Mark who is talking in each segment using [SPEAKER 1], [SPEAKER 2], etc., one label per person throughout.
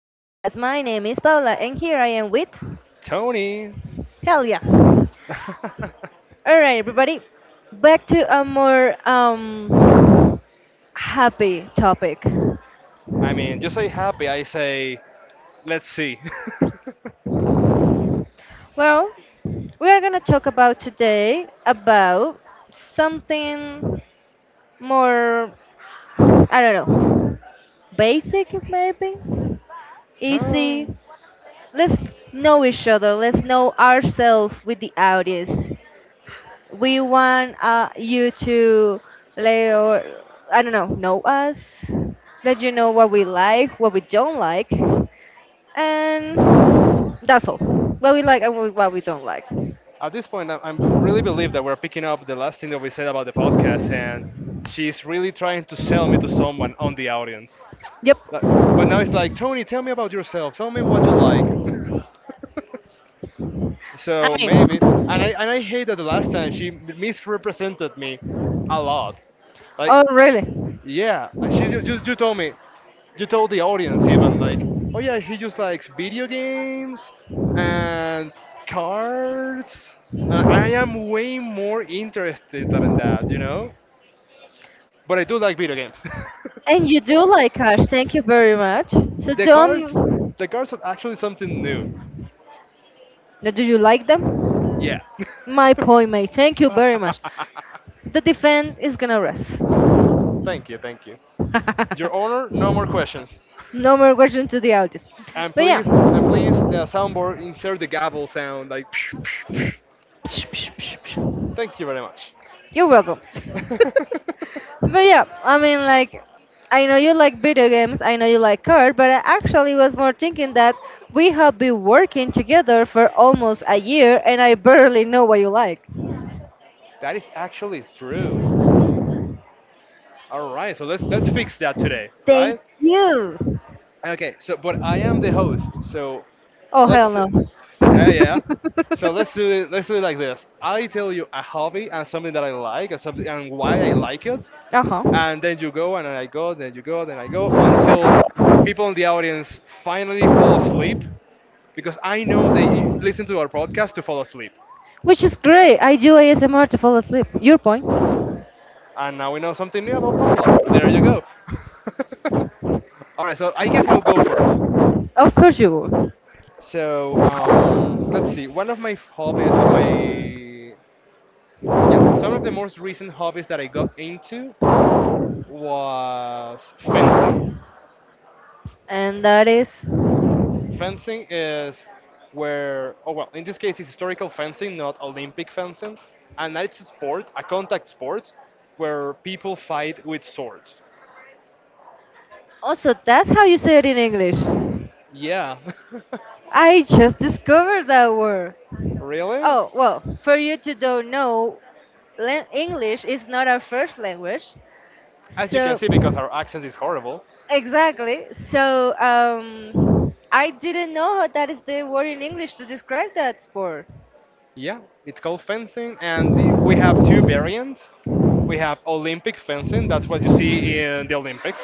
[SPEAKER 1] podcast. My name is Paula, and here I am with
[SPEAKER 2] Tony.
[SPEAKER 1] Helia. All right, everybody, back to a more happy topic.
[SPEAKER 2] I mean, you say happy, I say, let's see.
[SPEAKER 1] Well, we are gonna talk about today about something more, I don't know, basic maybe,
[SPEAKER 2] Huh.
[SPEAKER 1] easy. Let's know each other. Let's know ourselves with the audience. We want you to let or I don't know us, let you know what we like, what we don't like, and that's all. What we like and what we don't like.
[SPEAKER 2] At this point, I am really believe that we're picking up the last thing that we said about the podcast, and she's really trying to sell me to someone on the audience.
[SPEAKER 1] Yep.
[SPEAKER 2] Like- But now it's like, Tony, tell me about yourself. Tell me what you like.
[SPEAKER 1] I
[SPEAKER 2] So maybe,
[SPEAKER 1] mean,
[SPEAKER 2] and I hate that the last time she misrepresented me a lot. Like,
[SPEAKER 1] oh
[SPEAKER 2] I-
[SPEAKER 1] really?
[SPEAKER 2] yeah, I- she ju- just you told me, you told the audience even like, oh yeah, he just likes video games and cards. And I am way more interested than that, you know. But I do like video games.
[SPEAKER 1] And you do like cash. Thank you very much. So
[SPEAKER 2] the cards,
[SPEAKER 1] don't.
[SPEAKER 2] the cards are actually something new.
[SPEAKER 1] Now, do you like them?
[SPEAKER 2] Yeah.
[SPEAKER 1] My point, mate. Thank you very much. The defense is gonna rest.
[SPEAKER 2] Thank you, thank you. Your Honor, no more questions.
[SPEAKER 1] No more question to the audience.
[SPEAKER 2] And
[SPEAKER 1] But yeah.
[SPEAKER 2] please, and please, soundboard, insert the gavel sound, like. Psh, psh, psh.
[SPEAKER 1] Psh, psh, psh, psh.
[SPEAKER 2] Thank you very much.
[SPEAKER 1] You're welcome. But yeah, I mean, like, I know you like video games, I know you like art, but I actually was more thinking that we have been working together for almost a year and I barely know what you like.
[SPEAKER 2] That is actually true. All right, so let's fix that today,
[SPEAKER 1] Thank
[SPEAKER 2] right?
[SPEAKER 1] you.
[SPEAKER 2] Okay, so but I am the host, so
[SPEAKER 1] Oh, hell
[SPEAKER 2] let's.
[SPEAKER 1] no.
[SPEAKER 2] Yeah.
[SPEAKER 1] Uh
[SPEAKER 2] So let's do it. Let's do it like this. I tell you a hobby and something that I like and something and why I like it,
[SPEAKER 1] huh.
[SPEAKER 2] and then you go and I go, then you go, then I go until people in the audience finally fall asleep because I know listen to our podcast to fall asleep.
[SPEAKER 1] Which is great. I do ASMR to fall asleep. Your point.
[SPEAKER 2] And now we know something new about Paula. There you go. All right, so I guess I'll go first.
[SPEAKER 1] Of course you would.
[SPEAKER 2] So let's see. One of my f- hobbies, or my yeah, some of the most recent hobbies that I got into was fencing.
[SPEAKER 1] And that is.
[SPEAKER 2] Fencing is oh well, in this case, it's historical fencing, not Olympic fencing, and it's a sport, a contact sport, where people fight with swords.
[SPEAKER 1] Also, that's how you say it in English.
[SPEAKER 2] Yeah,
[SPEAKER 1] I just discovered that word.
[SPEAKER 2] really?
[SPEAKER 1] Oh, well, for you to don't know, English is not our first language.
[SPEAKER 2] As you can
[SPEAKER 1] So,
[SPEAKER 2] see, because our accent is horrible.
[SPEAKER 1] exactly. So, I didn't know that is the word in English to describe that sport.
[SPEAKER 2] Yeah, it's called fencing, we have two variants. We have Olympic fencing. That's what you see in the Olympics.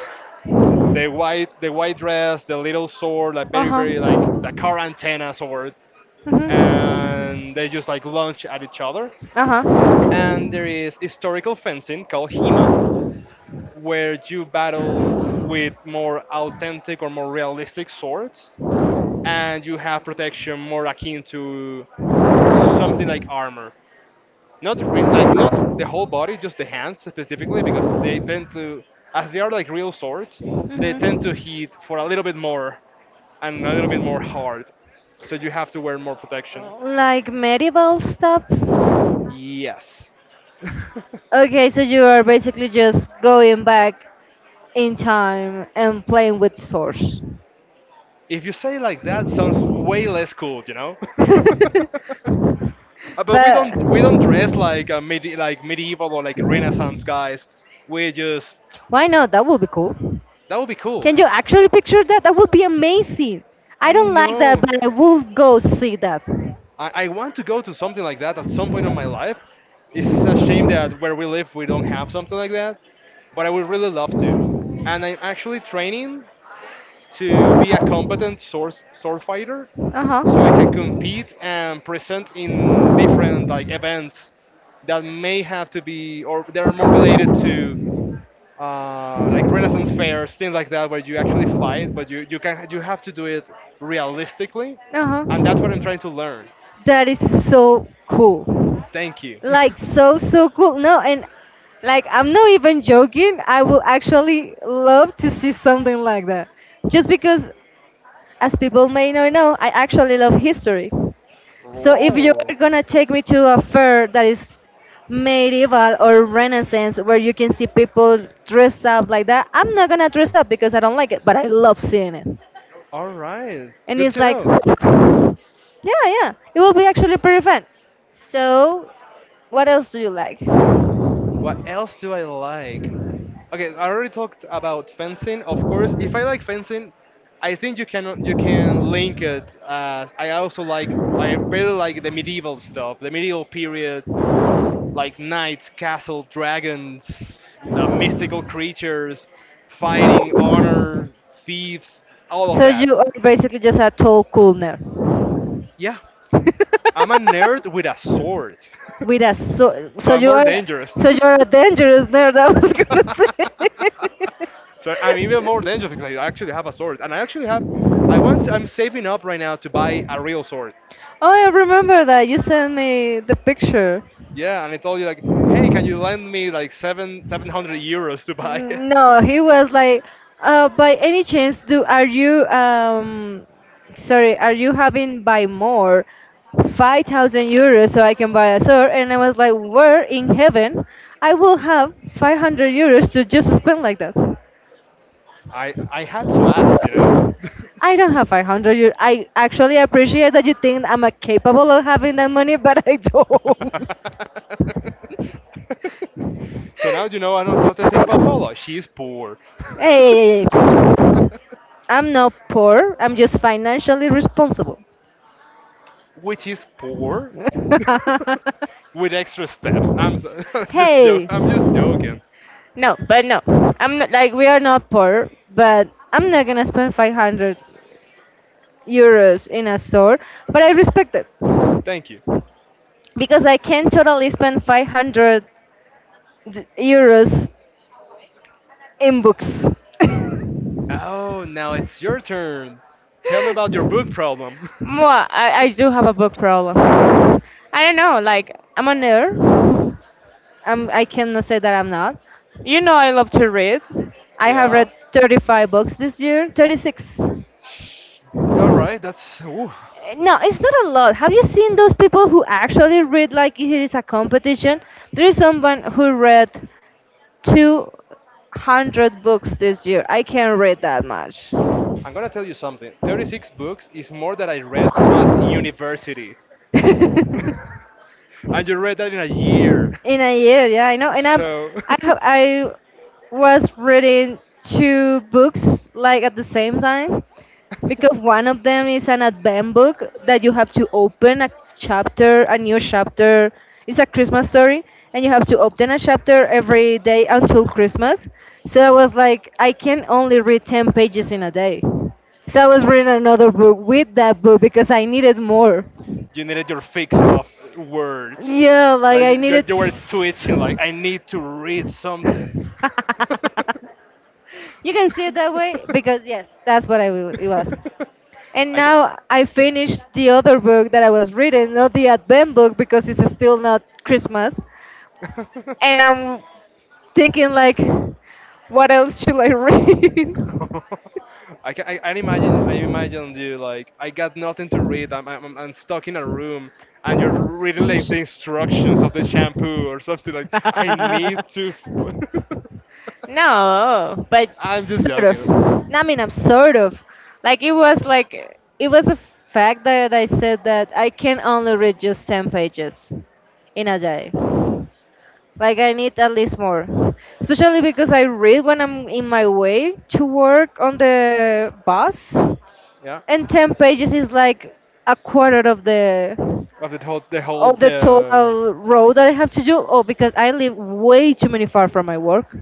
[SPEAKER 2] The white dress, the little sword, like
[SPEAKER 1] Uh
[SPEAKER 2] very, very like
[SPEAKER 1] huh.
[SPEAKER 2] the car antenna sword,
[SPEAKER 1] Hmm.
[SPEAKER 2] and they just like launch at each other.
[SPEAKER 1] Uh huh.
[SPEAKER 2] And there is historical fencing called Hema, where you battle with more authentic or more realistic swords, and you have protection more akin to something like armor. Not re- Like not the whole body, just the hands specifically, because they tend to, as they are like real swords, they tend to
[SPEAKER 1] Hmm.
[SPEAKER 2] hit for a little bit more and a little bit more hard. So you have to wear more protection.
[SPEAKER 1] Like medieval stuff.
[SPEAKER 2] Yes.
[SPEAKER 1] Okay, so you are basically just going back in time and playing with swords.
[SPEAKER 2] If you say it like that, sounds way less cool, you know. But we
[SPEAKER 1] But
[SPEAKER 2] don't we don't dress like a like medieval or like Renaissance guys. We just
[SPEAKER 1] why not? That would be cool.
[SPEAKER 2] that would be cool.
[SPEAKER 1] Can you actually picture that? That would be amazing. I
[SPEAKER 2] I
[SPEAKER 1] don't like that,
[SPEAKER 2] know.
[SPEAKER 1] but I will go see that. Uh
[SPEAKER 2] I want to go to something like that at some point in my life. It's a shame that where we live we don't have something like that, but I would really love to. And I'm actually training to be a competent sword fighter, so I can
[SPEAKER 1] huh.
[SPEAKER 2] compete and present in different like events that may have to be or they're more related to like Renaissance fairs, things like that, where you actually fight, but you have to do it realistically,
[SPEAKER 1] Uh
[SPEAKER 2] and that's what
[SPEAKER 1] huh.
[SPEAKER 2] I'm trying to learn.
[SPEAKER 1] That is so cool.
[SPEAKER 2] Thank you.
[SPEAKER 1] Like so so cool. No, and like I'm not even joking. I will actually love to see something like that. Just because, as people may not know, I actually love history. So if you
[SPEAKER 2] Whoa.
[SPEAKER 1] are gonna take me to a fair that is medieval or renaissance where you can see people dress up like that, I'm not gonna dress up because I don't like it, but I love seeing it.
[SPEAKER 2] All right.
[SPEAKER 1] And
[SPEAKER 2] Good
[SPEAKER 1] it's
[SPEAKER 2] to
[SPEAKER 1] like
[SPEAKER 2] know.
[SPEAKER 1] yeah, yeah. It will be actually pretty fun. So what else do you like?
[SPEAKER 2] What else do I like? Okay, I already talked about fencing. Of course, if I like fencing, I think you can link it. As I also like I really like the medieval stuff, the medieval period, like knights, castle, dragons, mystical creatures, fighting, honor, thieves, all of
[SPEAKER 1] So
[SPEAKER 2] that.
[SPEAKER 1] you are basically just a tall cool nerd.
[SPEAKER 2] Yeah, I'm a nerd with a sword.
[SPEAKER 1] With a so
[SPEAKER 2] So
[SPEAKER 1] so
[SPEAKER 2] I'm
[SPEAKER 1] you
[SPEAKER 2] more
[SPEAKER 1] are
[SPEAKER 2] dangerous.
[SPEAKER 1] So you're a dangerous nerd, I was gonna say.
[SPEAKER 2] So I'm even more dangerous because I actually have a sword, and I actually have. I want. I'm saving up right now to buy a real sword.
[SPEAKER 1] Oh, I remember that. You sent me the picture.
[SPEAKER 2] Yeah, and I told you like, hey, can you lend me like seven hundred euros to buy it?
[SPEAKER 1] No, he was like, by any chance, do are you sorry, are you having buy more, €5,000 so I can buy a sword? And I was like, where in heaven I will have €500 to just spend like that.
[SPEAKER 2] I had to ask, you know.
[SPEAKER 1] I don't have 500. You, I actually appreciate that you think I'm capable of having that money, but I don't.
[SPEAKER 2] So now you know. I don't think about Paula. She is poor.
[SPEAKER 1] Hey, hey, hey, hey. I'm not poor. I'm just financially responsible.
[SPEAKER 2] Which is poor with extra steps. I'm just joking.
[SPEAKER 1] Hey.
[SPEAKER 2] I'm just joking.
[SPEAKER 1] No, but no. I'm not, like we are not poor, but I'm not gonna spend €500 in a store. But I respect it
[SPEAKER 2] Thank you.
[SPEAKER 1] because I can totally spend 500 euros in books.
[SPEAKER 2] Oh, now it's your turn. Tell me about your book problem.
[SPEAKER 1] Well, I do have a book problem. I don't know, like, I'm a nerd. I cannot say that I'm not. You know, I love to read. I have
[SPEAKER 2] Yeah.
[SPEAKER 1] read 35 books this year, 36.
[SPEAKER 2] All right. That's. Ooh.
[SPEAKER 1] No, it's not a lot. Have you seen those people who actually read like it is a competition? There is someone who read 200 books this year. I can't read that much.
[SPEAKER 2] I'm gonna tell you something. 36 books is more than I read at university,
[SPEAKER 1] In
[SPEAKER 2] and you read that in a year.
[SPEAKER 1] a year, yeah, I know, and I'm
[SPEAKER 2] So.
[SPEAKER 1] I have I was reading two books like at the same time, because one of them is an Advent book that you have to open a new chapter. It's a Christmas story, and you have to open a chapter every day until Christmas. So I was like, I can only read 10 pages in a day. So I was reading another book with that book because I needed more.
[SPEAKER 2] You needed your fix of words.
[SPEAKER 1] Yeah, like I
[SPEAKER 2] Like,
[SPEAKER 1] needed.
[SPEAKER 2] you were twitching, like, I need to read something.
[SPEAKER 1] You can see it that way because yes, that's what it was. And
[SPEAKER 2] I can,
[SPEAKER 1] now I finished the other book that I was reading, not the Advent book because it's still not Christmas, and I'm thinking like, what else should I read?
[SPEAKER 2] I can, I imagine you like, I got nothing to read. I'm stuck in a room, and you're reading like the instructions of the shampoo or something like. I need to. F
[SPEAKER 1] No, but
[SPEAKER 2] I'm just
[SPEAKER 1] sort of.
[SPEAKER 2] joking.
[SPEAKER 1] I mean, I'm sort of. Like it was a fact that I said that I can only read just 10 pages in a day. Like I need at least more, especially because I read when I'm in my way to work on the bus,
[SPEAKER 2] Yeah,
[SPEAKER 1] and 10 pages is like a quarter of the
[SPEAKER 2] the whole,
[SPEAKER 1] total road that I have to do. Oh, because I live way too many far from my work.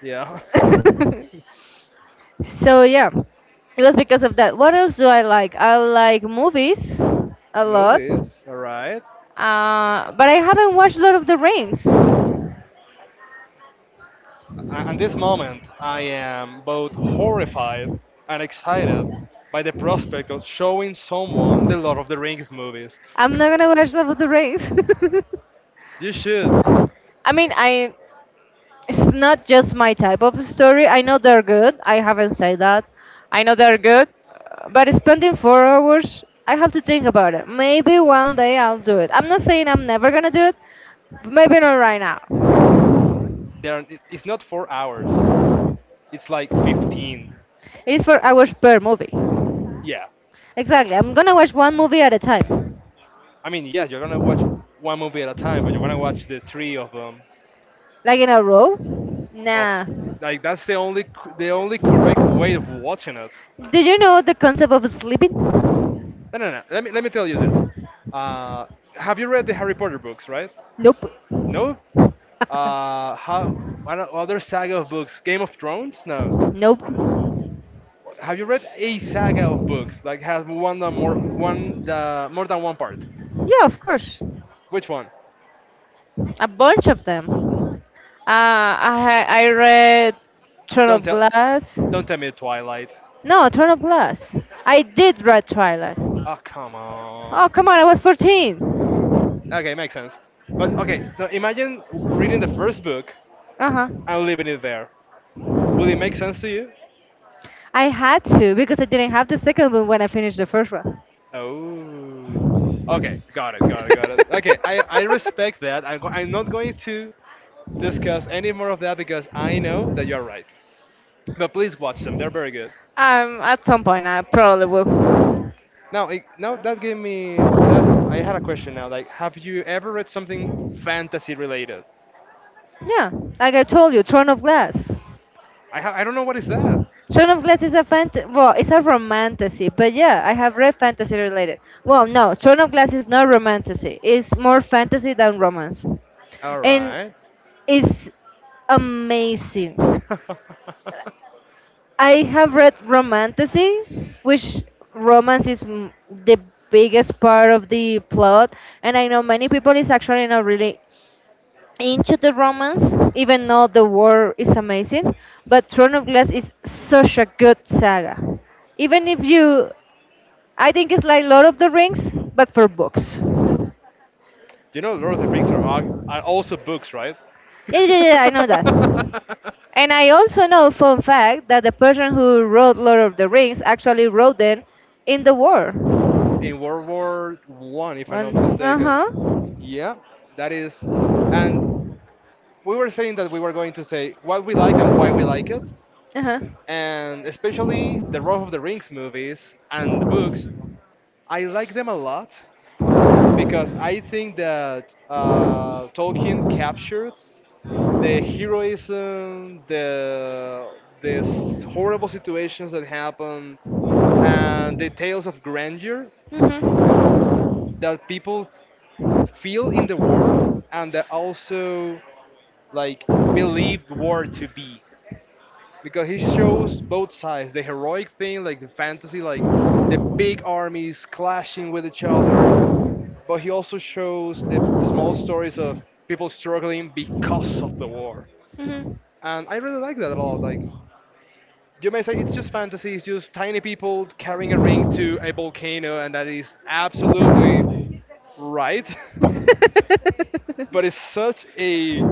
[SPEAKER 2] Yeah.
[SPEAKER 1] So yeah, it was because of that. What else do I like? I like movies a lot,
[SPEAKER 2] Movies, alright.
[SPEAKER 1] but I haven't watched Lord of the Rings. I'm
[SPEAKER 2] At this moment, I am both horrified and excited by the prospect of showing someone the Lord of the Rings movies.
[SPEAKER 1] not gonna watch Lord of the Rings.
[SPEAKER 2] You should.
[SPEAKER 1] I mean, I it's not just my type of story. I know they're good. I haven't said that. I know they're good, but spending 4 hours, I have to think about it. Maybe one day I'll do it. I'm not saying I'm never gonna do it, but maybe not right now.
[SPEAKER 2] They're, it's not 4 hours, it's like 15.
[SPEAKER 1] It is 4 hours per movie.
[SPEAKER 2] Yeah.
[SPEAKER 1] Exactly. I'm gonna watch one movie at a time,
[SPEAKER 2] Yeah, you're gonna watch one movie at a time, but you're gonna watch the three of them.
[SPEAKER 1] like in a row.
[SPEAKER 2] Of
[SPEAKER 1] Nah.
[SPEAKER 2] Like that's the only correct way of watching it.
[SPEAKER 1] Did you know the concept of sleeping?
[SPEAKER 2] No, no, no. Let me tell you this. Uh, have you read the Harry Potter books, right?
[SPEAKER 1] Nope.
[SPEAKER 2] No. How other saga of books? Game of Thrones? No.
[SPEAKER 1] Nope.
[SPEAKER 2] Have you read a saga of books? Like has one or more than one part?
[SPEAKER 1] Yeah, of course.
[SPEAKER 2] Which one?
[SPEAKER 1] A bunch of them. I read Throne
[SPEAKER 2] Don't
[SPEAKER 1] of
[SPEAKER 2] tell
[SPEAKER 1] Glass.
[SPEAKER 2] don't tell me Twilight.
[SPEAKER 1] No, Throne of Glass. I did read Twilight.
[SPEAKER 2] Oh come
[SPEAKER 1] Oh
[SPEAKER 2] on.
[SPEAKER 1] come on, I was 14.
[SPEAKER 2] Okay, makes sense. But okay, now imagine reading the first book
[SPEAKER 1] Uh huh.
[SPEAKER 2] and leaving it there. Will it make sense to you?
[SPEAKER 1] I had to because I didn't have the second one when I finished the first one.
[SPEAKER 2] Oh. Okay, got it. Okay, I respect that. I'm not going to discuss any more of that because I know that you're right. But please watch them, they're very good.
[SPEAKER 1] At some point I probably will.
[SPEAKER 2] Now, it, now that gave me that I had a question now. Like, have you ever read something fantasy related?
[SPEAKER 1] Yeah, like I told you, Throne of Glass.
[SPEAKER 2] I don't know what is that.
[SPEAKER 1] Shaun of Glass is a fant well, it's a romantasy, but yeah, I have read fantasy related. Well, no, Shaun of Glass is not romantasy. It's more fantasy than romance,
[SPEAKER 2] All
[SPEAKER 1] and
[SPEAKER 2] right.
[SPEAKER 1] it's amazing. I have read romantasy, which romance is the biggest part of the plot, and I know many people is actually not really into the romance, even though the war is amazing. But Throne of Glass is such a good saga. Even if you, I think it's like Lord of the Rings, but for books.
[SPEAKER 2] You know, Lord of the Rings are also books, right?
[SPEAKER 1] Yeah, yeah, yeah, I know that. And I also know, fun fact, that the person who wrote Lord of the Rings actually wrote them in the war.
[SPEAKER 2] In World War I, if I'm
[SPEAKER 1] One.
[SPEAKER 2] not
[SPEAKER 1] Uh
[SPEAKER 2] mistaken.
[SPEAKER 1] huh.
[SPEAKER 2] Yeah, that is. And we were saying that we were going to say what we like and why we like it,
[SPEAKER 1] Uh huh.
[SPEAKER 2] and especially the Lord of the Rings movies and the books. I like them a lot because I think that Tolkien captured the heroism, horrible situations that happen, and the tales of grandeur
[SPEAKER 1] Mhm.
[SPEAKER 2] that people feel in the war and that also like believe war to be because he shows both sides the heroic thing like the fantasy like the big armies clashing with each other, but he also shows the small stories of people struggling because of the war,
[SPEAKER 1] Mhm.
[SPEAKER 2] and I really like that a lot. Like you may say it's just fantasy, it's just tiny people carrying a ring to a volcano, and that is absolutely right. But it's such a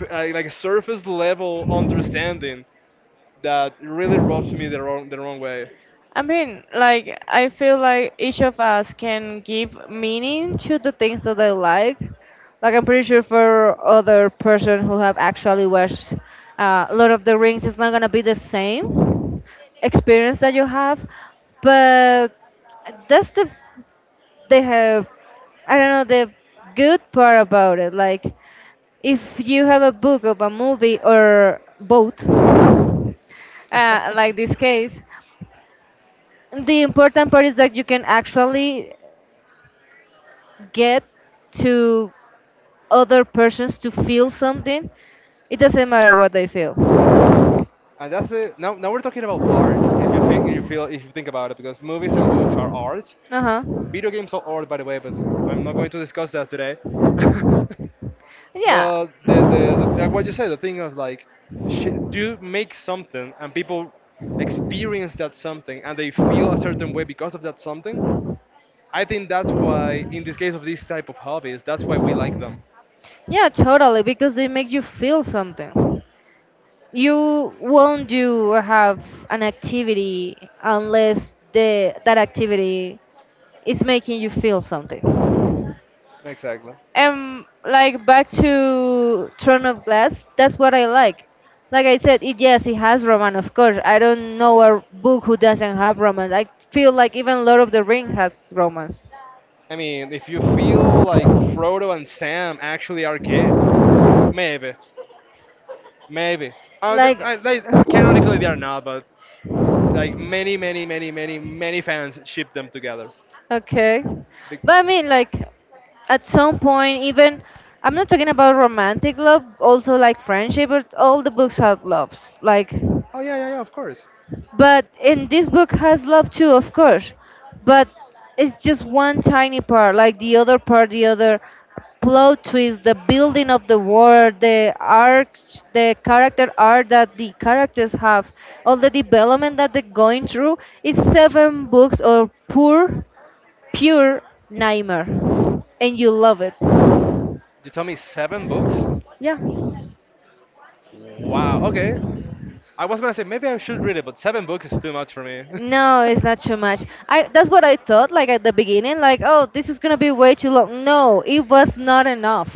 [SPEAKER 2] like surface level understanding that really rubs me the wrong way.
[SPEAKER 1] I mean, like, I feel like each of us can give meaning to the things that they like. Like I'm pretty sure for other person who have actually watched Lord of the Rings, it's not gonna be the same experience that you have, but that's the they have I don't know, the good part about it. Like if you have a book of a movie or both, like this case, the important part is that you can actually get to other persons to feel something. It doesn't matter what they feel.
[SPEAKER 2] And that's it. Now now we're talking about art. If you think you feel if you think about it, because movies and books are art.
[SPEAKER 1] Uh huh.
[SPEAKER 2] Video games are art, by the way, but I'm not going to discuss that today.
[SPEAKER 1] Yeah.
[SPEAKER 2] But the like what you said, the thing of like, you make something and people experience that something and they feel a certain way because of that something. I think that's why, in this case of these type of hobbies, that's why we like them.
[SPEAKER 1] Yeah, totally, because they make you feel something. You won't do or have an activity unless the that activity is making you feel something.
[SPEAKER 2] Exactly.
[SPEAKER 1] And like back to Throne of Glass, that's what I like. Like I said, it yes, it has romance, of course. I don't know a book who doesn't have romance. I feel like even Lord of the Ring has romance.
[SPEAKER 2] I mean, if you feel like Frodo and Sam actually are gay, maybe, maybe.
[SPEAKER 1] Like,
[SPEAKER 2] They, canonically, they are not, but like many fans ship them together.
[SPEAKER 1] okay,
[SPEAKER 2] Be-
[SPEAKER 1] but I mean, like, at some point, even I'm not talking about romantic love. Also, like friendship, but all the books have loves. Like,
[SPEAKER 2] oh yeah, yeah, yeah. Of course.
[SPEAKER 1] But and this book has love too, of course. But it's just one tiny part, like the other part, the other plot twist, the building of the world, the arc, the character arc that the characters have, all the development that they're going through. Is seven books or pure nightmare, and you love it.
[SPEAKER 2] You tell me seven books?
[SPEAKER 1] Yeah.
[SPEAKER 2] Wow. Okay. I was gonna say maybe I should read it, but seven books is too much for me.
[SPEAKER 1] No, it's not too much. I That's what I thought like at the beginning, like, oh, this is gonna be way too long. No, it was not enough.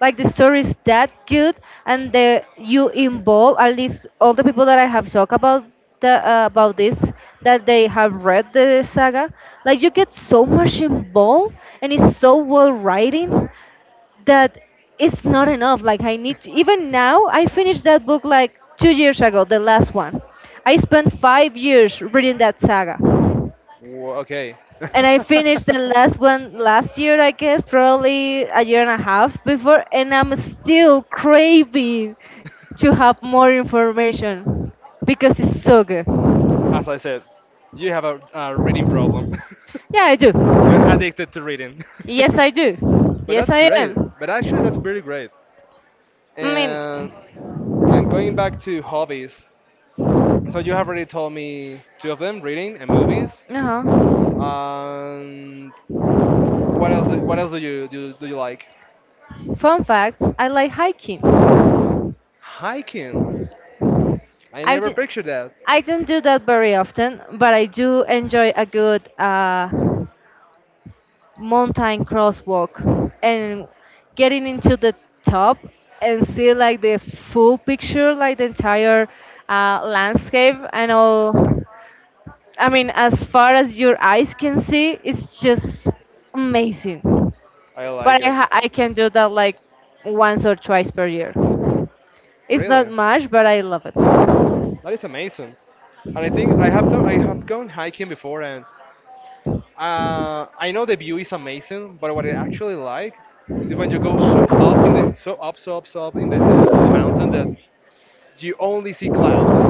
[SPEAKER 1] Like the story is that good, and the you involve at least all the people that I have talked about the about this that they have read the saga. Like you get so much involved, and it's so well writing that it's not enough. Like I need to, even now I finished that book like 2 years ago, the last one. I spent 5 years reading that saga.
[SPEAKER 2] Wha- okay.
[SPEAKER 1] And I finished the last one last year, I guess, probably a year and a half before, and I'm still craving to have more information because it's so good.
[SPEAKER 2] As I said, you have a reading problem.
[SPEAKER 1] Yeah, I do.
[SPEAKER 2] You're addicted to reading.
[SPEAKER 1] Yes, I do.
[SPEAKER 2] But
[SPEAKER 1] Yes,
[SPEAKER 2] that's
[SPEAKER 1] I
[SPEAKER 2] great.
[SPEAKER 1] am.
[SPEAKER 2] But actually, that's pretty great.
[SPEAKER 1] I mean,
[SPEAKER 2] And going back to hobbies. So you have already told me two of them: reading and movies.
[SPEAKER 1] uh huh.
[SPEAKER 2] And what else? What else do you do? Do you like?
[SPEAKER 1] Fun fact I like hiking.
[SPEAKER 2] Hiking. I
[SPEAKER 1] I
[SPEAKER 2] never
[SPEAKER 1] d-
[SPEAKER 2] pictured that.
[SPEAKER 1] I don't do that very often, but I do enjoy a good mountain crosswalk and getting into the top and see like the full picture, like the entire landscape and all. I mean, as far as your eyes can see, it's just amazing.
[SPEAKER 2] I like
[SPEAKER 1] But
[SPEAKER 2] it.
[SPEAKER 1] I can do that like once or twice per year. It's not
[SPEAKER 2] Really,
[SPEAKER 1] much, but I love it.
[SPEAKER 2] that is amazing. And I think I have done. I have gone hiking before, and I know the view is amazing, but what I actually like is when you go so up in the to the mountain that you only see clouds.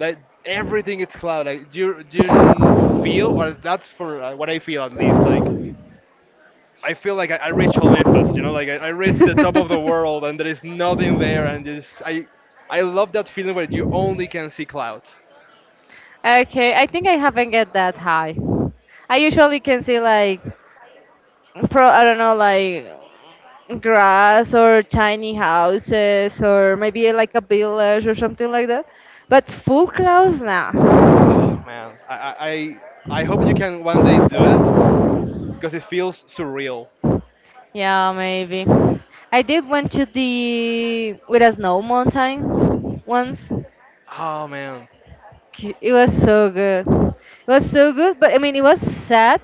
[SPEAKER 2] Like everything is cloud. Like you feel, or that's for what I feel at least. Like I feel like I reached Olympus. You know, like I reached the top of the world, and there is nothing there, and just I love that feeling where you only can see clouds.
[SPEAKER 1] Okay, I think I haven't get that high. I usually can see like pro I don't know like grass or tiny houses or maybe like a village or something like that. But full clouds now.
[SPEAKER 2] Oh man, I hope you can one day do it because it feels surreal.
[SPEAKER 1] Yeah, maybe. I did went to the with a snow mountain once.
[SPEAKER 2] Oh man.
[SPEAKER 1] It was so good. It was so good, but I mean it was sad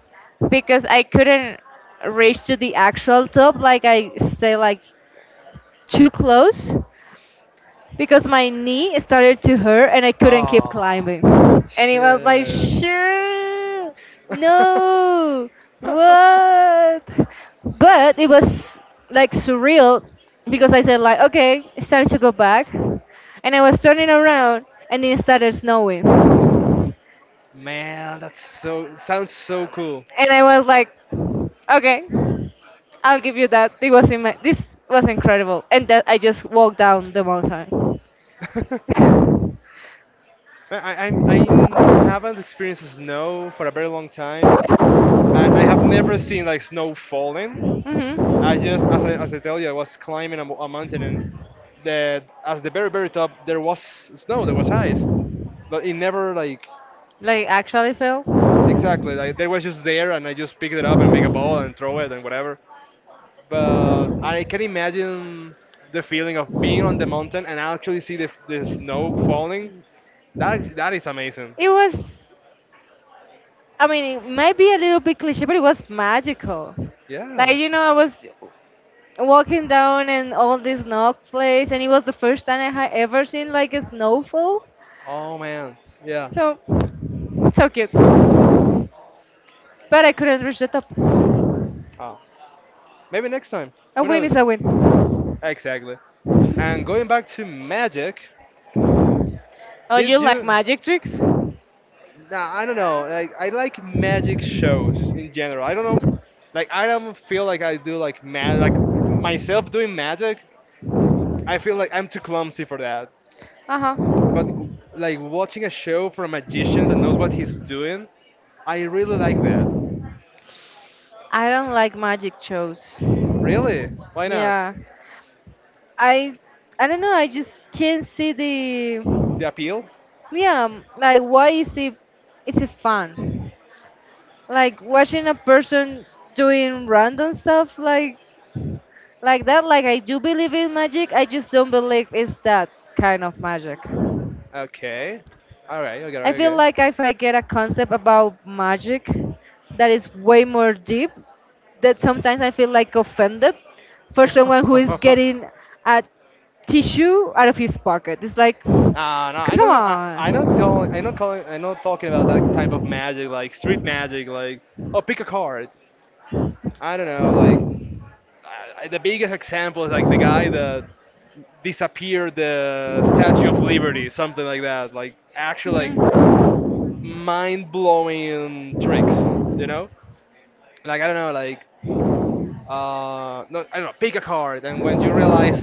[SPEAKER 1] because I couldn't reach to the actual top. Like I stay like too close because my knee started to hurt and I couldn't keep
[SPEAKER 2] Oh
[SPEAKER 1] climbing. And it was like,
[SPEAKER 2] shit.
[SPEAKER 1] sure, no, what? But it was like surreal because I said like, okay, it's time to go back. And I was turning around and it started snowing. And
[SPEAKER 2] Man, that's so sounds so cool.
[SPEAKER 1] I was like, okay, I'll give you that. It was in my, this was incredible. And that I just walked down the mountain.
[SPEAKER 2] I I have not experienced snow for a very long time, and I have never seen like snow falling. I
[SPEAKER 1] hmm
[SPEAKER 2] just as I tell you, I was climbing a mountain and the at the very very top there was snow, there was ice, but it never like
[SPEAKER 1] Like actually, Phil,
[SPEAKER 2] exactly like there was just there and I just picked it up and make a ball and throw it and whatever. But I can imagine the feeling of being on the mountain and actually see the snow falling. That is amazing.
[SPEAKER 1] it was. I mean, it may be a little bit cliche, but it was magical. Like
[SPEAKER 2] Yeah.
[SPEAKER 1] I was walking down in all this snowflakes, and it was the first time I had ever seen like a snowfall.
[SPEAKER 2] Oh man. Yeah.
[SPEAKER 1] So, so cute. But I couldn't reach the top.
[SPEAKER 2] Oh. Maybe next time.
[SPEAKER 1] A
[SPEAKER 2] Who
[SPEAKER 1] win is
[SPEAKER 2] knows?
[SPEAKER 1] a win.
[SPEAKER 2] Exactly. And going back to magic,
[SPEAKER 1] Oh, you
[SPEAKER 2] did
[SPEAKER 1] like
[SPEAKER 2] you?
[SPEAKER 1] magic tricks? Uh
[SPEAKER 2] Nah, I don't know. Like I like magic shows in general. I don't know. Like I don't feel like I do like mag like myself doing magic. I feel like I'm too clumsy for that.
[SPEAKER 1] huh.
[SPEAKER 2] But g- like watching a show for a magician that knows what he's doing, I really like that.
[SPEAKER 1] I don't like magic shows.
[SPEAKER 2] Really? Why not?
[SPEAKER 1] Yeah, I I don't know. I just can't see the
[SPEAKER 2] The appeal?
[SPEAKER 1] Like why is it fun? Like watching a person doing random stuff like that, like I do believe in magic, I just don't believe it's that kind of magic.
[SPEAKER 2] Okay. All right.
[SPEAKER 1] I feel
[SPEAKER 2] Okay.
[SPEAKER 1] like if I get a concept about magic that is way more deep, that sometimes I feel like offended for
[SPEAKER 2] Okay,
[SPEAKER 1] someone who is
[SPEAKER 2] okay.
[SPEAKER 1] getting a tissue out of his pocket. It's like,
[SPEAKER 2] Ah, no, I
[SPEAKER 1] come
[SPEAKER 2] don't. I'm not
[SPEAKER 1] on.
[SPEAKER 2] calling. I'm not calling. I'm not talking about that type of magic, like street magic, like oh, pick a card. I don't know. Like the biggest example is like the guy that disappeared the Statue of Liberty, something like that. Like actually, like
[SPEAKER 1] Hmm.
[SPEAKER 2] mind-blowing tricks, you know? Like I don't know, like no, I don't know, pick a card, and when you realize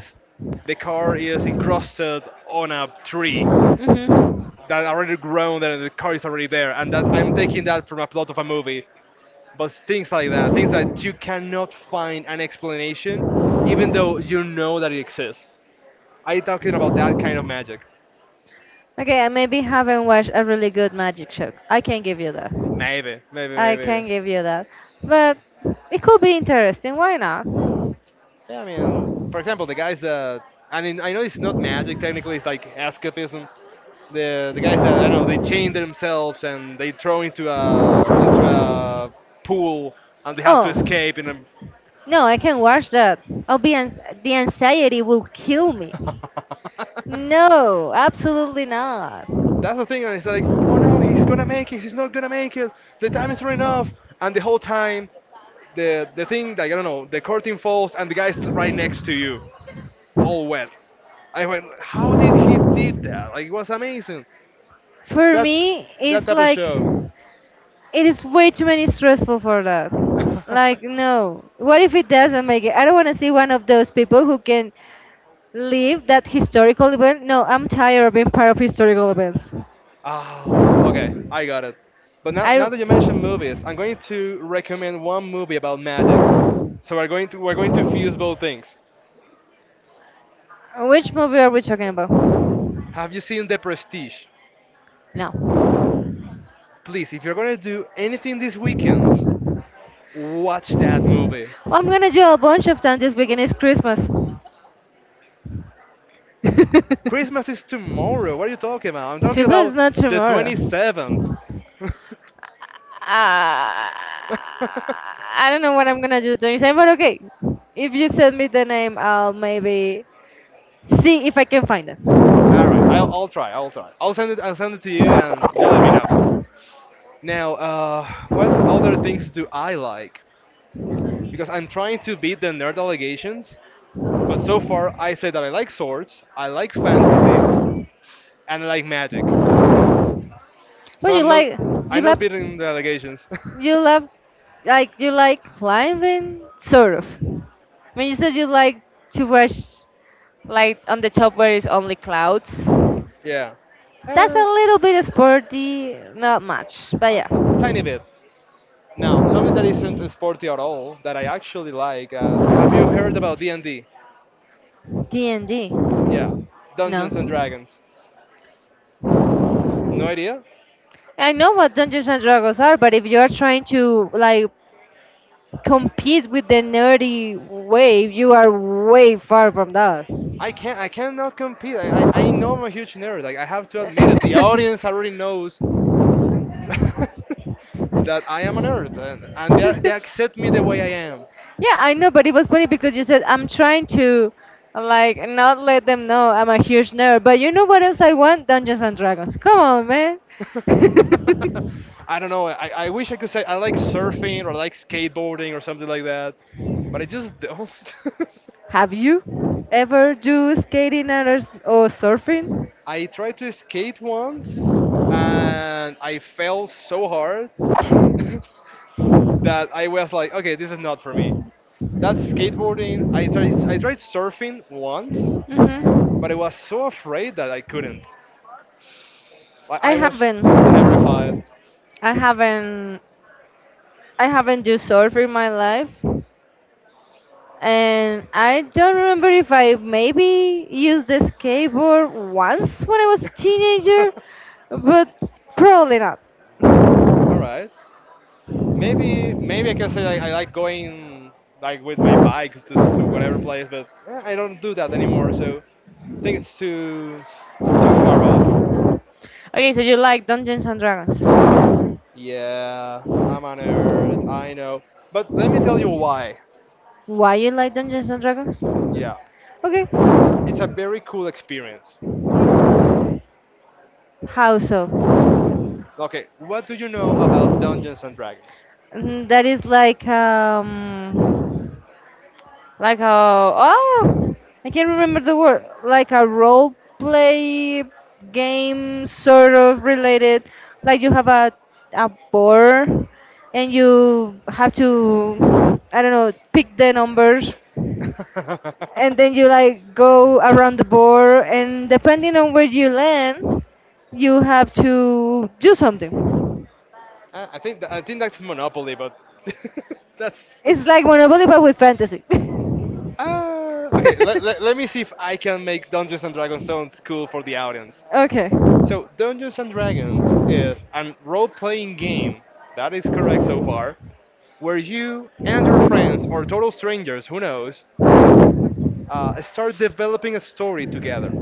[SPEAKER 2] the card is encrusted on a tree
[SPEAKER 1] Hmm.
[SPEAKER 2] that already grown, and the card is already there, and that I'm taking that from a plot of a movie. But things like that, things that you cannot find an explanation, even though you know that it exists. I talking about that kind of magic.
[SPEAKER 1] Okay, I maybe haven't watched a really good magic show. I can give you that.
[SPEAKER 2] Maybe, maybe,
[SPEAKER 1] I
[SPEAKER 2] maybe, maybe.
[SPEAKER 1] can give you that. But it could be interesting. Why not?
[SPEAKER 2] Yeah, I mean, for example, the guys that I mean, I know it's not magic technically. It's like escapism. The guys that I know they chain themselves and they throw into a pool and they have to
[SPEAKER 1] Oh,
[SPEAKER 2] escape in a.
[SPEAKER 1] no, I can watch that. The anxiety will kill me. No, absolutely not.
[SPEAKER 2] That's the thing, and it's like, oh no, he's gonna make it. He's not gonna make it. The time is running off, and the whole time, the thing like I don't know, the curtain falls and the guy's right next to you, all wet. I went, how did he did that? Like it was amazing.
[SPEAKER 1] For
[SPEAKER 2] That
[SPEAKER 1] me,
[SPEAKER 2] that
[SPEAKER 1] it's
[SPEAKER 2] type of
[SPEAKER 1] like
[SPEAKER 2] show.
[SPEAKER 1] it is way too many stressful for that. Like no, what if it doesn't make it? I don't want to see one of those people who can leave that historical event. No, I'm tired of being part of historical events.
[SPEAKER 2] Oh, okay, I got it. But now
[SPEAKER 1] I.
[SPEAKER 2] that you mentioned movies, I'm going to recommend one movie about magic. So we're going to fuse both things.
[SPEAKER 1] Which movie are we talking about?
[SPEAKER 2] Have you seen The Prestige?
[SPEAKER 1] No.
[SPEAKER 2] Please, if you're going to do anything this weekend, watch that movie.
[SPEAKER 1] What I'm gonna do a bunch of times this weekend is Christmas.
[SPEAKER 2] Christmas is tomorrow. What are you talking about? I'm talking
[SPEAKER 1] Christmas is
[SPEAKER 2] about
[SPEAKER 1] not
[SPEAKER 2] the
[SPEAKER 1] tomorrow.
[SPEAKER 2] 27th.
[SPEAKER 1] I don't know what I'm gonna do the 27th, but okay. If you send me the name, I'll maybe see if I can find it.
[SPEAKER 2] All right, I'll try. I'll try. I'll send it. I'll send it to you, and you let me know. Now, what other things do I like? Because I'm trying to beat the nerd allegations, but so far I say that I like swords, I like fantasy, and I like magic. So
[SPEAKER 1] But
[SPEAKER 2] I'm not,
[SPEAKER 1] you
[SPEAKER 2] I'm not
[SPEAKER 1] like
[SPEAKER 2] beating the allegations.
[SPEAKER 1] you love like you like climbing sort of when you said you like to watch like on the top where it's only clouds.
[SPEAKER 2] Yeah,
[SPEAKER 1] That's a
[SPEAKER 2] eh,
[SPEAKER 1] little bit sporty, not much, but
[SPEAKER 2] a
[SPEAKER 1] yeah.
[SPEAKER 2] t- tiny bit. Now, something that isn't sporty at all that I actually like. Have you heard about D&D?
[SPEAKER 1] D&D.
[SPEAKER 2] Yeah, Dungeons and
[SPEAKER 1] No,
[SPEAKER 2] Dragons. No idea?
[SPEAKER 1] I know what Dungeons and Dragons are, but if you're trying to like compete with the nerdy wave, you are way far from that.
[SPEAKER 2] I can't. I cannot compete. I know I'm a huge nerd. Like I have to admit it. The audience already knows that I am a nerd, and they accept me the way I am.
[SPEAKER 1] Yeah, I know, but it was funny because you said I'm trying to like not let them know I'm a huge nerd. But you know what else I want? Dungeons and Dragons. Come on, man.
[SPEAKER 2] I don't know. I wish I could say I like surfing or like skateboarding or something like that, but I just don't.
[SPEAKER 1] Have you ever do skating or surfing?
[SPEAKER 2] I tried to skate once, and I fell so hard.
[SPEAKER 1] Hmm.
[SPEAKER 2] that I was like, okay, this is not for me. That's skateboarding. I tried surfing once, but I was so afraid that I couldn't. Like
[SPEAKER 1] I
[SPEAKER 2] I was
[SPEAKER 1] haven't.
[SPEAKER 2] terrified.
[SPEAKER 1] I haven't. I haven't do surf in my life. And I don't remember if I maybe used the skateboard once when I was a teenager, but probably not.
[SPEAKER 2] All right. Maybe maybe I can say I like going like with my bike to whatever place, but eh, I don't do that anymore. So I think it's too far off.
[SPEAKER 1] Okay, so you like Dungeons and Dragons.
[SPEAKER 2] Yeah, I'm a nerd. I know, but let me tell you why.
[SPEAKER 1] Why you like Dungeons and Dragons?
[SPEAKER 2] Yeah,
[SPEAKER 1] Okay.
[SPEAKER 2] it's a very cool experience.
[SPEAKER 1] How so?
[SPEAKER 2] Okay, what do you know about Dungeons and Dragons?
[SPEAKER 1] That is like like a oh, I can't remember the word. Like a role play game, sort of related. Like you have a board, and you have to I don't know pick the numbers, and
[SPEAKER 2] I
[SPEAKER 1] then you like go around the board, and depending on where you land, you have to do something.
[SPEAKER 2] I think I think that's Monopoly, but that's
[SPEAKER 1] It's like Monopoly but with fantasy.
[SPEAKER 2] okay. Let me see if I can make Dungeons and Dragons sound cool for the audience.
[SPEAKER 1] Okay.
[SPEAKER 2] So Dungeons and Dragons is a role-playing game that is correct so far, where you and your friends or total strangers, who knows, start developing a story together.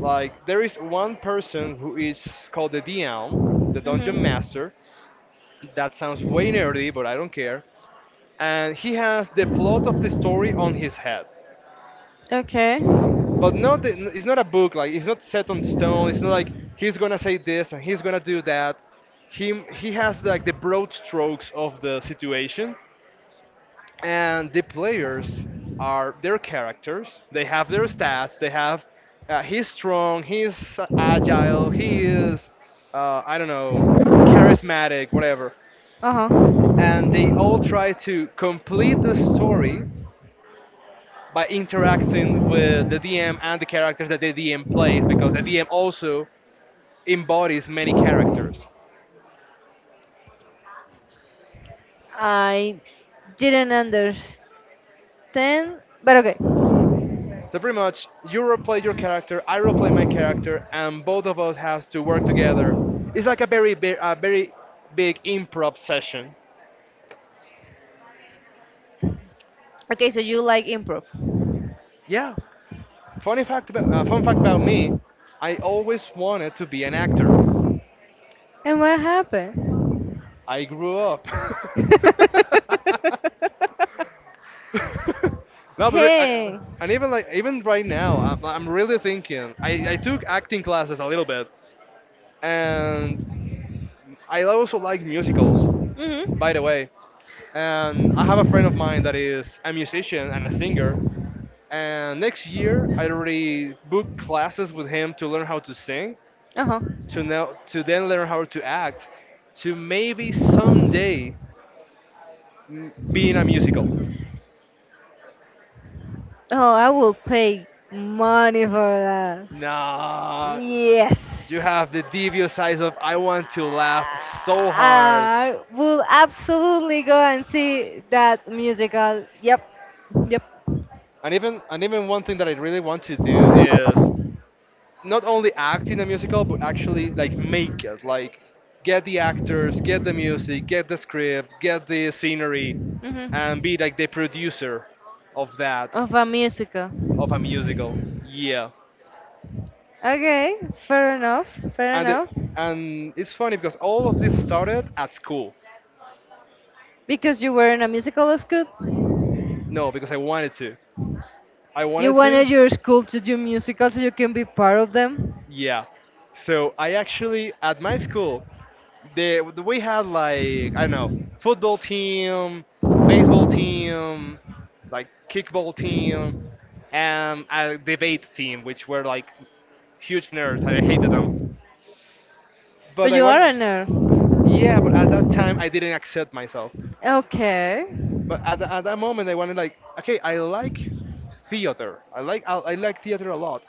[SPEAKER 2] Like there is one person who is called the DM, the dungeon
[SPEAKER 1] Hmm.
[SPEAKER 2] master. That sounds way nerdy, but I don't care. And he has the plot of the story on his head.
[SPEAKER 1] Okay.
[SPEAKER 2] But not the, it's not a book. Like it's not set on stone. It's not like he's gonna say this and he's gonna do that. Him he has like the broad strokes of the situation, and the players are their characters. They have their stats. They have he's strong. He's agile. He is I don't know charismatic, whatever.
[SPEAKER 1] Uh huh.
[SPEAKER 2] And they all try to complete the story by interacting with the DM and the characters that the DM plays because the DM also embodies many characters.
[SPEAKER 1] I didn't understand, but okay.
[SPEAKER 2] So pretty much, you roleplay your character, I roleplay my character, and both of us has to work together. It's like a very big improv session.
[SPEAKER 1] Okay, so you like improv.
[SPEAKER 2] Yeah. Fun fact about me, I always wanted to be an actor.
[SPEAKER 1] And what happened?
[SPEAKER 2] I grew up. no, but re- I-
[SPEAKER 1] Hey.
[SPEAKER 2] and even even right now, I'm really thinking. I took acting classes a little bit, and I also like musicals, by the
[SPEAKER 1] Mhm.
[SPEAKER 2] way. And I have a friend of mine that is a musician and a singer. And next year, I already booked classes with him to learn how to sing,
[SPEAKER 1] Uh huh.
[SPEAKER 2] to then learn how to act, to maybe someday be in a musical.
[SPEAKER 1] Oh, I will pay money for that.
[SPEAKER 2] Nah,
[SPEAKER 1] Yes.
[SPEAKER 2] you have the devious eyes of I want to laugh so hard.
[SPEAKER 1] I will absolutely go and see that musical. Yep. Yep.
[SPEAKER 2] And even one thing that I really want to do is not only act in a musical but actually like make it, like get the actors, get the music, get the script, get the scenery and be
[SPEAKER 1] Mhm.
[SPEAKER 2] like the producer of that,
[SPEAKER 1] Of a musical.
[SPEAKER 2] of a musical. Yeah.
[SPEAKER 1] Okay, fair enough, fair
[SPEAKER 2] and it,
[SPEAKER 1] enough.
[SPEAKER 2] and it's funny because all of this started at school.
[SPEAKER 1] Because you were in a musical school,
[SPEAKER 2] No, because I
[SPEAKER 1] you
[SPEAKER 2] wanted to,
[SPEAKER 1] wanted your school to do musicals so you can be part of them.
[SPEAKER 2] yeah. So I actually at my school, the we had like I don't know, football team, baseball team, like kickball team, and a debate team, which were like huge nerds. And I hated them, but
[SPEAKER 1] But
[SPEAKER 2] I
[SPEAKER 1] you
[SPEAKER 2] want,
[SPEAKER 1] are a nerd.
[SPEAKER 2] yeah. But at that time, I didn't accept myself.
[SPEAKER 1] Okay.
[SPEAKER 2] But at that moment, I wanted like, okay, I like theater. I like theater a lot.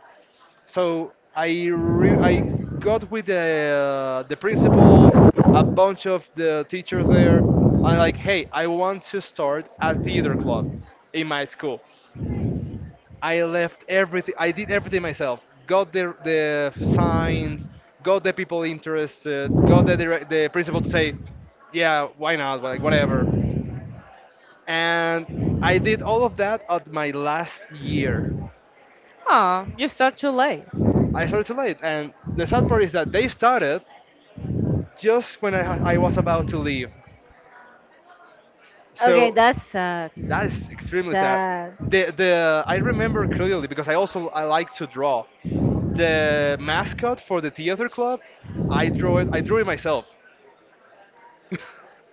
[SPEAKER 2] So I got with the principal, a bunch of the teachers there. I'm like, hey, I want to start a theater club in my school. I left everything. I did everything myself. Got the signs, got the people interested, got the principal to say, yeah, why not? Like whatever. And I did all of that at my last year.
[SPEAKER 1] Oh, you start too late.
[SPEAKER 2] I started too late, and the sad part is that they started just when I was about to leave.
[SPEAKER 1] Okay,
[SPEAKER 2] So
[SPEAKER 1] that's sad.
[SPEAKER 2] that is extremely sad.
[SPEAKER 1] Sad.
[SPEAKER 2] The I remember clearly because I like to draw. The mascot for the theater club, I drew it. I drew it myself.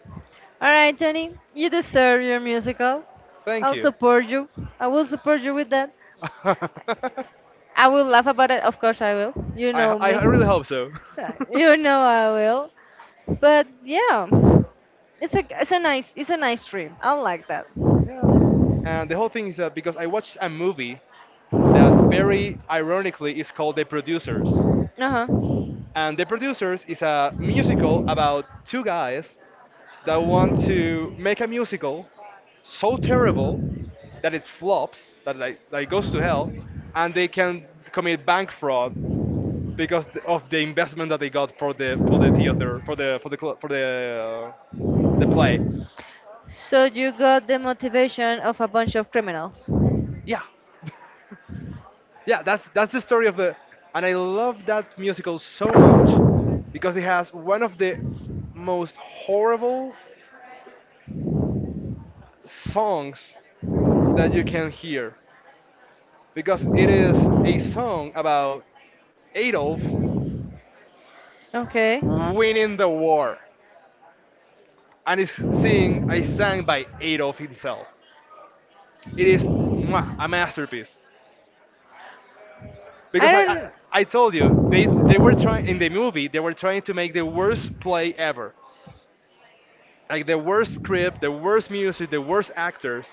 [SPEAKER 1] Alright, Jenny, you deserve your musical.
[SPEAKER 2] Thank
[SPEAKER 1] I'll
[SPEAKER 2] you.
[SPEAKER 1] support you. I will support you with that.
[SPEAKER 2] I
[SPEAKER 1] I will laugh about it, of course I will. You know me.
[SPEAKER 2] I really hope so.
[SPEAKER 1] You know I will. But yeah, it's a nice dream. I like that.
[SPEAKER 2] Yeah. And the whole thing is that because I watched a movie that very ironically is called The Producers.
[SPEAKER 1] Uh huh.
[SPEAKER 2] And The Producers is a musical about two guys that want to make a musical so terrible that it flops, that like, that it goes to hell, and they can commit bank fraud because of the investment that they got for the the play.
[SPEAKER 1] So you got the motivation of a bunch of criminals.
[SPEAKER 2] Yeah, yeah. That's the story of the, and I love that musical so much because it has one of the most horrible songs that you can hear because it is a song about Adolf
[SPEAKER 1] Okay.
[SPEAKER 2] winning the war. And it's sing I sang by Adolf himself. It is mwah, a masterpiece.
[SPEAKER 1] I
[SPEAKER 2] Because
[SPEAKER 1] don't.
[SPEAKER 2] I told you, they were trying, in the movie they were trying to make the worst play ever. Like the worst script, the worst music, the worst actors,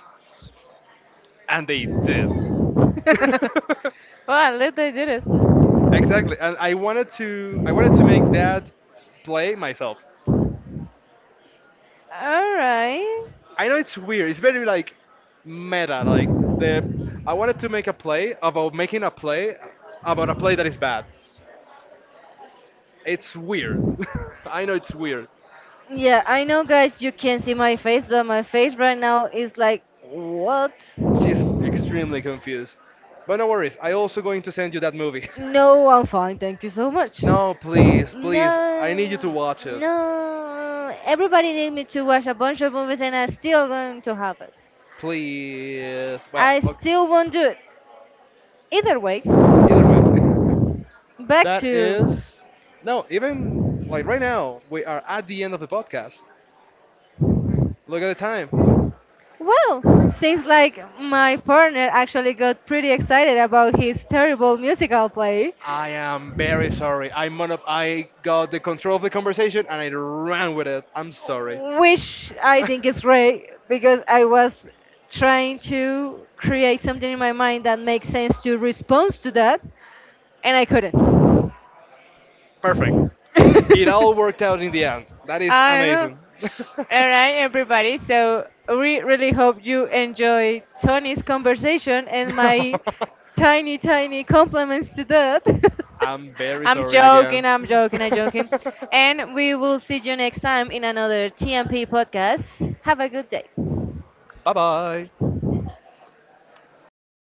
[SPEAKER 2] and they did.
[SPEAKER 1] Well, at least they did it.
[SPEAKER 2] Exactly. And I wanted to make that play myself.
[SPEAKER 1] All right.
[SPEAKER 2] I know it's weird. It's very like meta. Like the I wanted to make a play about making a play about a play that is bad. It's weird. I know it's weird.
[SPEAKER 1] Yeah, I know, guys. You can not see my face, but my face right now is like, what?
[SPEAKER 2] She's extremely confused. But no worries. I also going to send you that movie.
[SPEAKER 1] No, I'm fine. Thank you so much.
[SPEAKER 2] No, please, please. I need you to
[SPEAKER 1] No,
[SPEAKER 2] watch it.
[SPEAKER 1] no. Everybody needs me to watch a bunch of movies, and I'm still going to have it.
[SPEAKER 2] Please. Well,
[SPEAKER 1] I
[SPEAKER 2] okay.
[SPEAKER 1] still won't do it. Either way,
[SPEAKER 2] Either way.
[SPEAKER 1] back
[SPEAKER 2] that
[SPEAKER 1] to.
[SPEAKER 2] is no, even like right now we are at the end of the podcast. Look at the time.
[SPEAKER 1] Well, seems like my partner actually got pretty excited about his terrible musical play,
[SPEAKER 2] I am very sorry. I got the control of the conversation and I ran with it. I'm sorry.
[SPEAKER 1] which I think is great because I was trying to create something in my mind that makes sense to respond to that, and I couldn't.
[SPEAKER 2] Perfect. It all worked out in the end. That is
[SPEAKER 1] I know.
[SPEAKER 2] amazing.
[SPEAKER 1] All right, everybody. So we really hope you enjoy Tony's conversation and my tiny, tiny compliments to that.
[SPEAKER 2] I'm very
[SPEAKER 1] I'm
[SPEAKER 2] sorry
[SPEAKER 1] joking.
[SPEAKER 2] again.
[SPEAKER 1] I'm joking. I'm joking. And we will see you next time in another TMP podcast. Have a good day.
[SPEAKER 2] Bye bye.